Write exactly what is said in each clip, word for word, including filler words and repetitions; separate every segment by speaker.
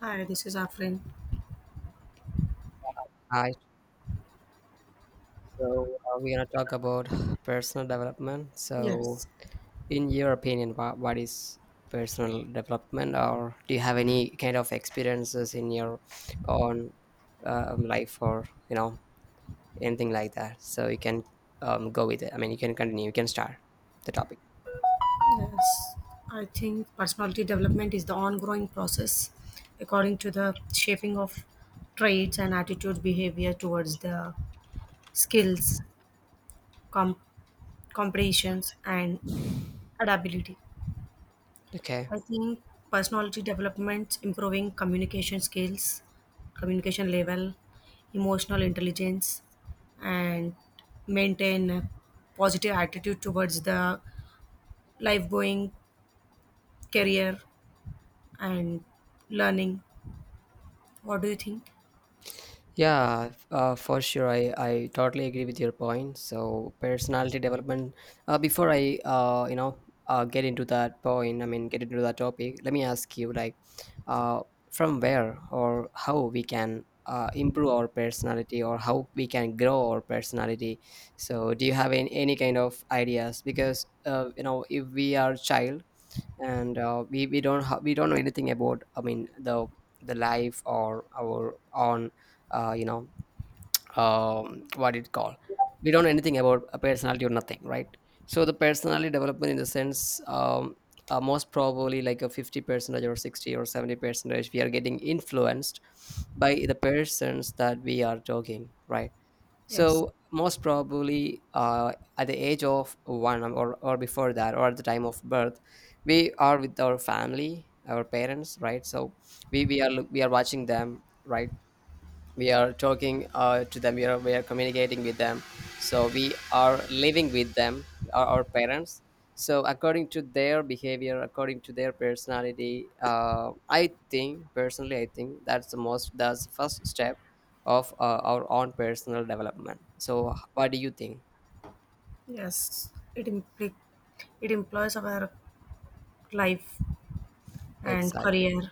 Speaker 1: Hi, this is Afrin.
Speaker 2: Hi. So uh, we're gonna talk about personal development. So,
Speaker 1: Yes,
Speaker 2: in your opinion, what, what is personal development, or do you have any kind of experiences in your own um, life, or you know anything like that? So you can um, go with it. I mean, you can continue. You can start the topic.
Speaker 1: yes. I think personality development is the ongoing process according to the shaping of traits and attitude behavior towards the skills, com- comprehensions, and adaptability.
Speaker 2: Okay.
Speaker 1: I think personality development improving communication skills, communication level, emotional intelligence, and maintain a positive attitude towards the life going career and learning. What do you think?
Speaker 2: Yeah, f- uh, for sure. I, I totally agree with your point. So personality development. Uh, before I uh, you know uh, get into that point, I mean get into that topic. Let me ask you like, uh, from where or how we can uh, improve our personality or how we can grow our personality. So do you have any, any kind of ideas? Because uh, you know if we are child and uh, we we don't ha- we don't know anything about I mean the the life or our own uh, you know um, what it called, we don't know anything about a personality or nothing, right? So the personality development in the sense, um, uh, most probably like a fifty percentage or sixty or seventy percentage we are getting influenced by the persons that we are talking, right?
Speaker 1: Yes,
Speaker 2: So most probably uh, at the age of one or, or before that or at the time of birth, we are with our family, our parents, right? So we, we are look- we are watching them, right? We are talking uh, to them, we are, we are communicating with them, so we are living with them, our, our parents. So according to their behavior, according to their personality, uh, I think personally, I think that's the most, that's the first step of uh, our own personal development. So what do you think?
Speaker 1: yes, it impl- it employs our life and
Speaker 2: Exactly.
Speaker 1: career.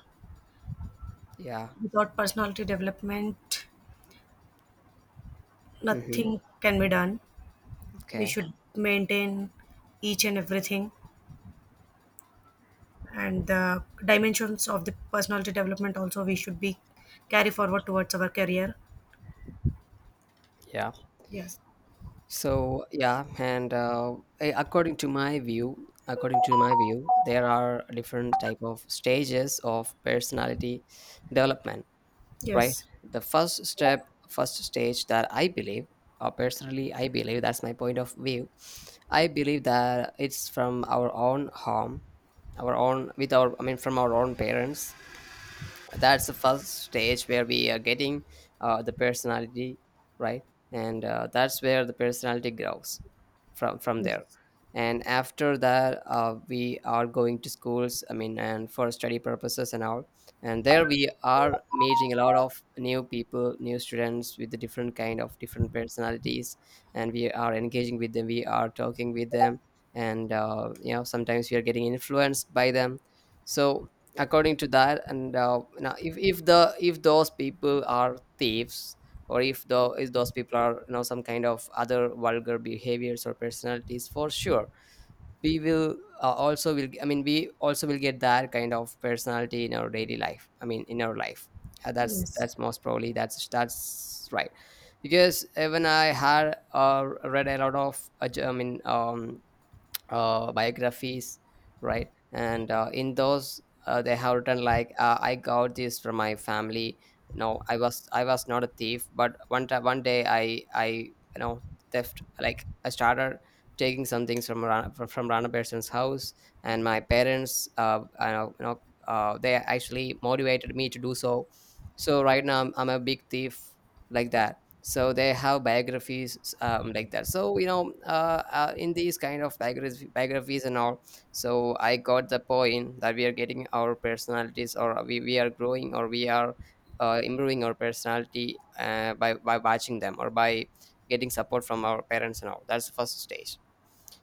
Speaker 2: Yeah.
Speaker 1: Without personality development,
Speaker 2: Hmm.
Speaker 1: nothing can be done. We
Speaker 2: Okay.
Speaker 1: should maintain each and everything, and the dimensions of the personality development also we should be carry forward towards our career.
Speaker 2: Yeah.
Speaker 1: Yes,
Speaker 2: So yeah, and uh, a- according to my view, according to my view, there are different type of stages of personality development, right?
Speaker 1: yes,
Speaker 2: The first step, first stage that I believe, or personally I believe, that's my point of view. I believe that it's from our own home, our own with our, I mean, from our own parents, that's the first stage where we are getting uh, the personality, right? And uh, that's where the personality grows from from there. And after that, uh, we are going to schools, I mean, and for study purposes and all, and there we are meeting a lot of new people, new students with the different kind of different personalities, and we are engaging with them, we are talking with them, and uh, you know sometimes we are getting influenced by them. So according to that, and uh, now if, if the if those people are thieves, or if the if those people are, you know some kind of other vulgar behaviors or personalities, for sure we will uh, also will I mean, we also will get that kind of personality in our daily life, I mean in our life. uh, that's
Speaker 1: yes,
Speaker 2: that's most probably, that's that's right. Because even I had uh, read a lot of uh, j- I mean, um, uh, biographies, right? And uh, in those, uh, they have written like, uh, "I got this from my family. No, I was I was not a thief, but one time one day I I you know theft, like, I started taking some things from Rana, from, from Rana person's house, and my parents, uh, I know, you know, uh, they actually motivated me to do so. So right now I'm, I'm a big thief, like that." So they have biographies um, like that. So you know uh, uh, in these kind of biography, biographies and all, so I got the point that we are getting our personalities, or we, we are growing, or we are uh, improving our personality uh, by by watching them or by getting support from our parents and all. That's the first stage.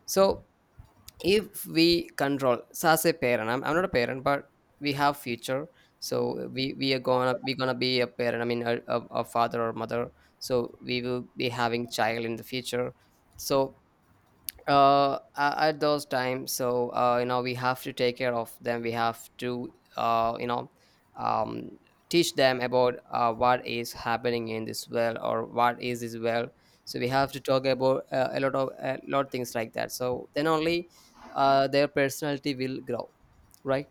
Speaker 2: So if we control, so as a parent, I'm, I'm not a parent, but we have future. So we we are gonna we gonna be a parent, I mean, a, a, a father or mother. So we will be having child in the future. So uh a- at those times, so uh you know we have to take care of them, we have to uh you know um teach them about uh, what is happening in this well, or what is this well. So we have to talk about uh, a lot of a lot of things like that. So then only uh their personality will grow, right?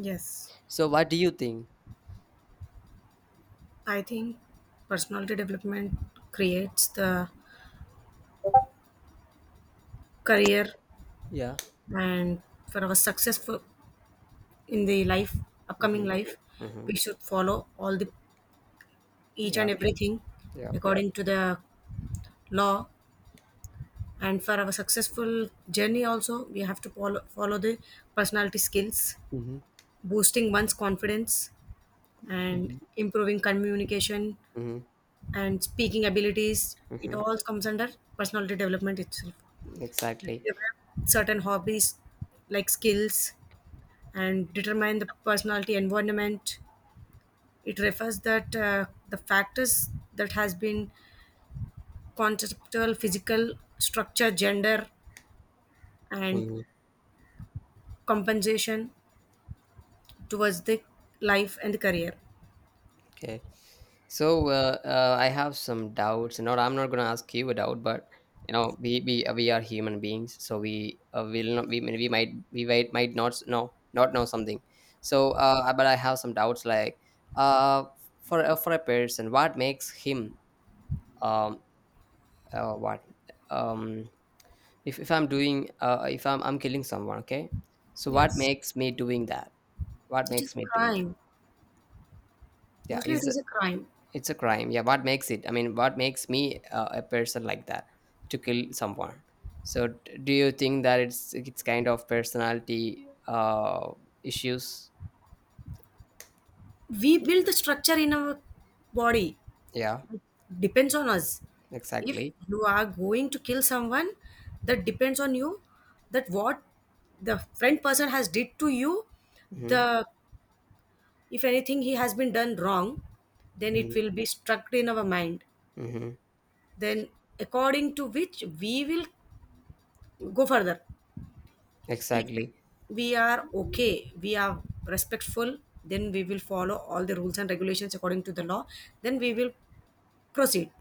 Speaker 1: yes.
Speaker 2: So what do you think?
Speaker 1: I think personality development creates the career,
Speaker 2: Yeah.
Speaker 1: and for our successful in the life, upcoming
Speaker 2: Mm-hmm.
Speaker 1: life,
Speaker 2: Mm-hmm.
Speaker 1: we should follow all the each
Speaker 2: Yeah.
Speaker 1: and everything
Speaker 2: Yeah.
Speaker 1: according to the law. And for our successful journey also we have to follow, follow the personality skills,
Speaker 2: Mm-hmm.
Speaker 1: boosting one's confidence and
Speaker 2: Mm-hmm.
Speaker 1: improving communication
Speaker 2: Mm-hmm.
Speaker 1: and speaking abilities. It
Speaker 2: Mm-hmm.
Speaker 1: all comes under personality development itself.
Speaker 2: Exactly.
Speaker 1: Develop certain hobbies like skills and determine the personality environment. It refers that uh, the factors that has been conceptual, physical structure, gender, and
Speaker 2: Mhm.
Speaker 1: compensation towards the life and the career.
Speaker 2: Okay. So uh, uh, I have some doubts. Not I'm not going to ask you a doubt, but you know we we, uh, we are human beings, so we uh, will not we, we might we might might not s- know, not know something. So uh, uh, but I have some doubts like uh for uh, for a person, what makes him um uh, what um if, if I'm doing uh uh, if I'm I'm killing someone, okay. So what
Speaker 1: Yes,
Speaker 2: makes me doing that? What
Speaker 1: it
Speaker 2: makes
Speaker 1: is a
Speaker 2: me doing that?
Speaker 1: crime.
Speaker 2: Yeah,
Speaker 1: Mostly, it
Speaker 2: is.
Speaker 1: is a crime.
Speaker 2: It's a crime. Yeah, what makes it? I mean, what makes me uh, a person like that to kill someone? So, d- do you think that it's it's kind of personality uh, issues?
Speaker 1: We build the structure in our body.
Speaker 2: Yeah,
Speaker 1: Depends on us. If
Speaker 2: exactly.
Speaker 1: you are going to kill someone, that depends on you. That what the friend person has did to you,
Speaker 2: Hmm.
Speaker 1: the if anything he has been done wrong, then it
Speaker 2: Hmm.
Speaker 1: will be struck in our mind.
Speaker 2: Hmm.
Speaker 1: Then according to which we will go further. If
Speaker 2: Exactly.
Speaker 1: we are okay, we are respectful, then we will follow all the rules and regulations according to the law. Then we will proceed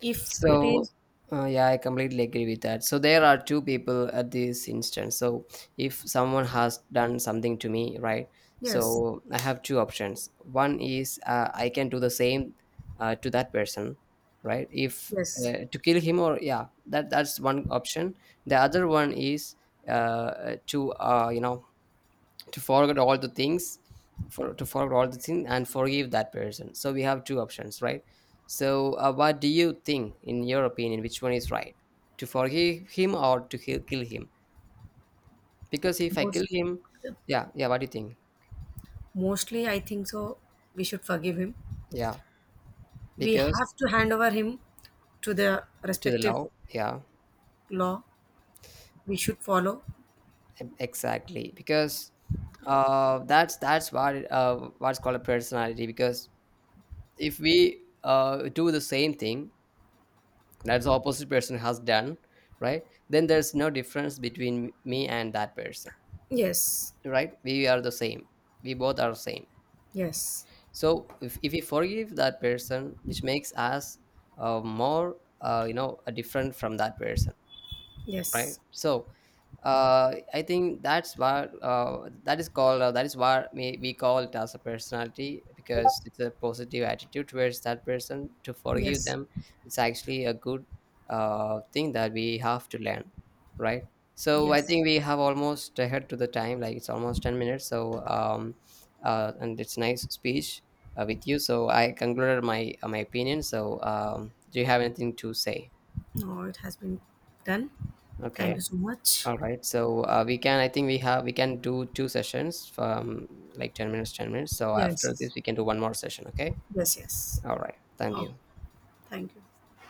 Speaker 1: if it
Speaker 2: So,
Speaker 1: is
Speaker 2: uh, yeah, I completely agree with that. So there are two people at this instance. So if someone has done something to me, right?
Speaker 1: yes,
Speaker 2: So I have two options. One is uh, I can do the same uh, to that person, right? If
Speaker 1: yes.
Speaker 2: uh, to kill him, or yeah, that that's one option. The other one is uh, to uh, you know to forget all the things, for to forget all the things and forgive that person. So we have two options, right? So uh, what do you think, in your opinion, which one is right, to forgive him or to kill, kill him? Because if I kill
Speaker 1: most
Speaker 2: him, yeah. Yeah, what do you think?
Speaker 1: Mostly I think so, we should forgive him.
Speaker 2: Yeah,
Speaker 1: We
Speaker 2: because
Speaker 1: have to hand over him to the
Speaker 2: to the
Speaker 1: respective
Speaker 2: law. Yeah.
Speaker 1: law. We should follow
Speaker 2: E- exactly, because uh that's that's what uh what's called a personality. Because if we uh do the same thing that's the opposite person has done, right, then there's no difference between me and that person,
Speaker 1: yes.
Speaker 2: right? We are the same, we both are same.
Speaker 1: Yes,
Speaker 2: So if, if we forgive that person, which makes us uh, more uh, you know uh, different from that person, right?
Speaker 1: yes,
Speaker 2: So uh, I think that's what, uh, that is called. Uh, that is what we, we call it as a personality, because it's a positive attitude towards that person to forgive
Speaker 1: yes,
Speaker 2: them. It's actually a good uh, thing that we have to learn, right? So I
Speaker 1: yes.
Speaker 2: think we have almost ahead to the time. Like it's almost ten minutes. So um, uh, and it's nice speech uh, with you. So I concluded my uh, my opinion. So um, do you have anything to say?
Speaker 1: No, it has been done. Thank you
Speaker 2: Okay.
Speaker 1: so much.
Speaker 2: All right. So uh, we can, I think we have, we can do two sessions, from like ten minutes, ten minutes. So after
Speaker 1: Yes,
Speaker 2: this, we can do one more session. Okay.
Speaker 1: yes, yes.
Speaker 2: All right. Thank
Speaker 1: Oh,
Speaker 2: you.
Speaker 1: thank you.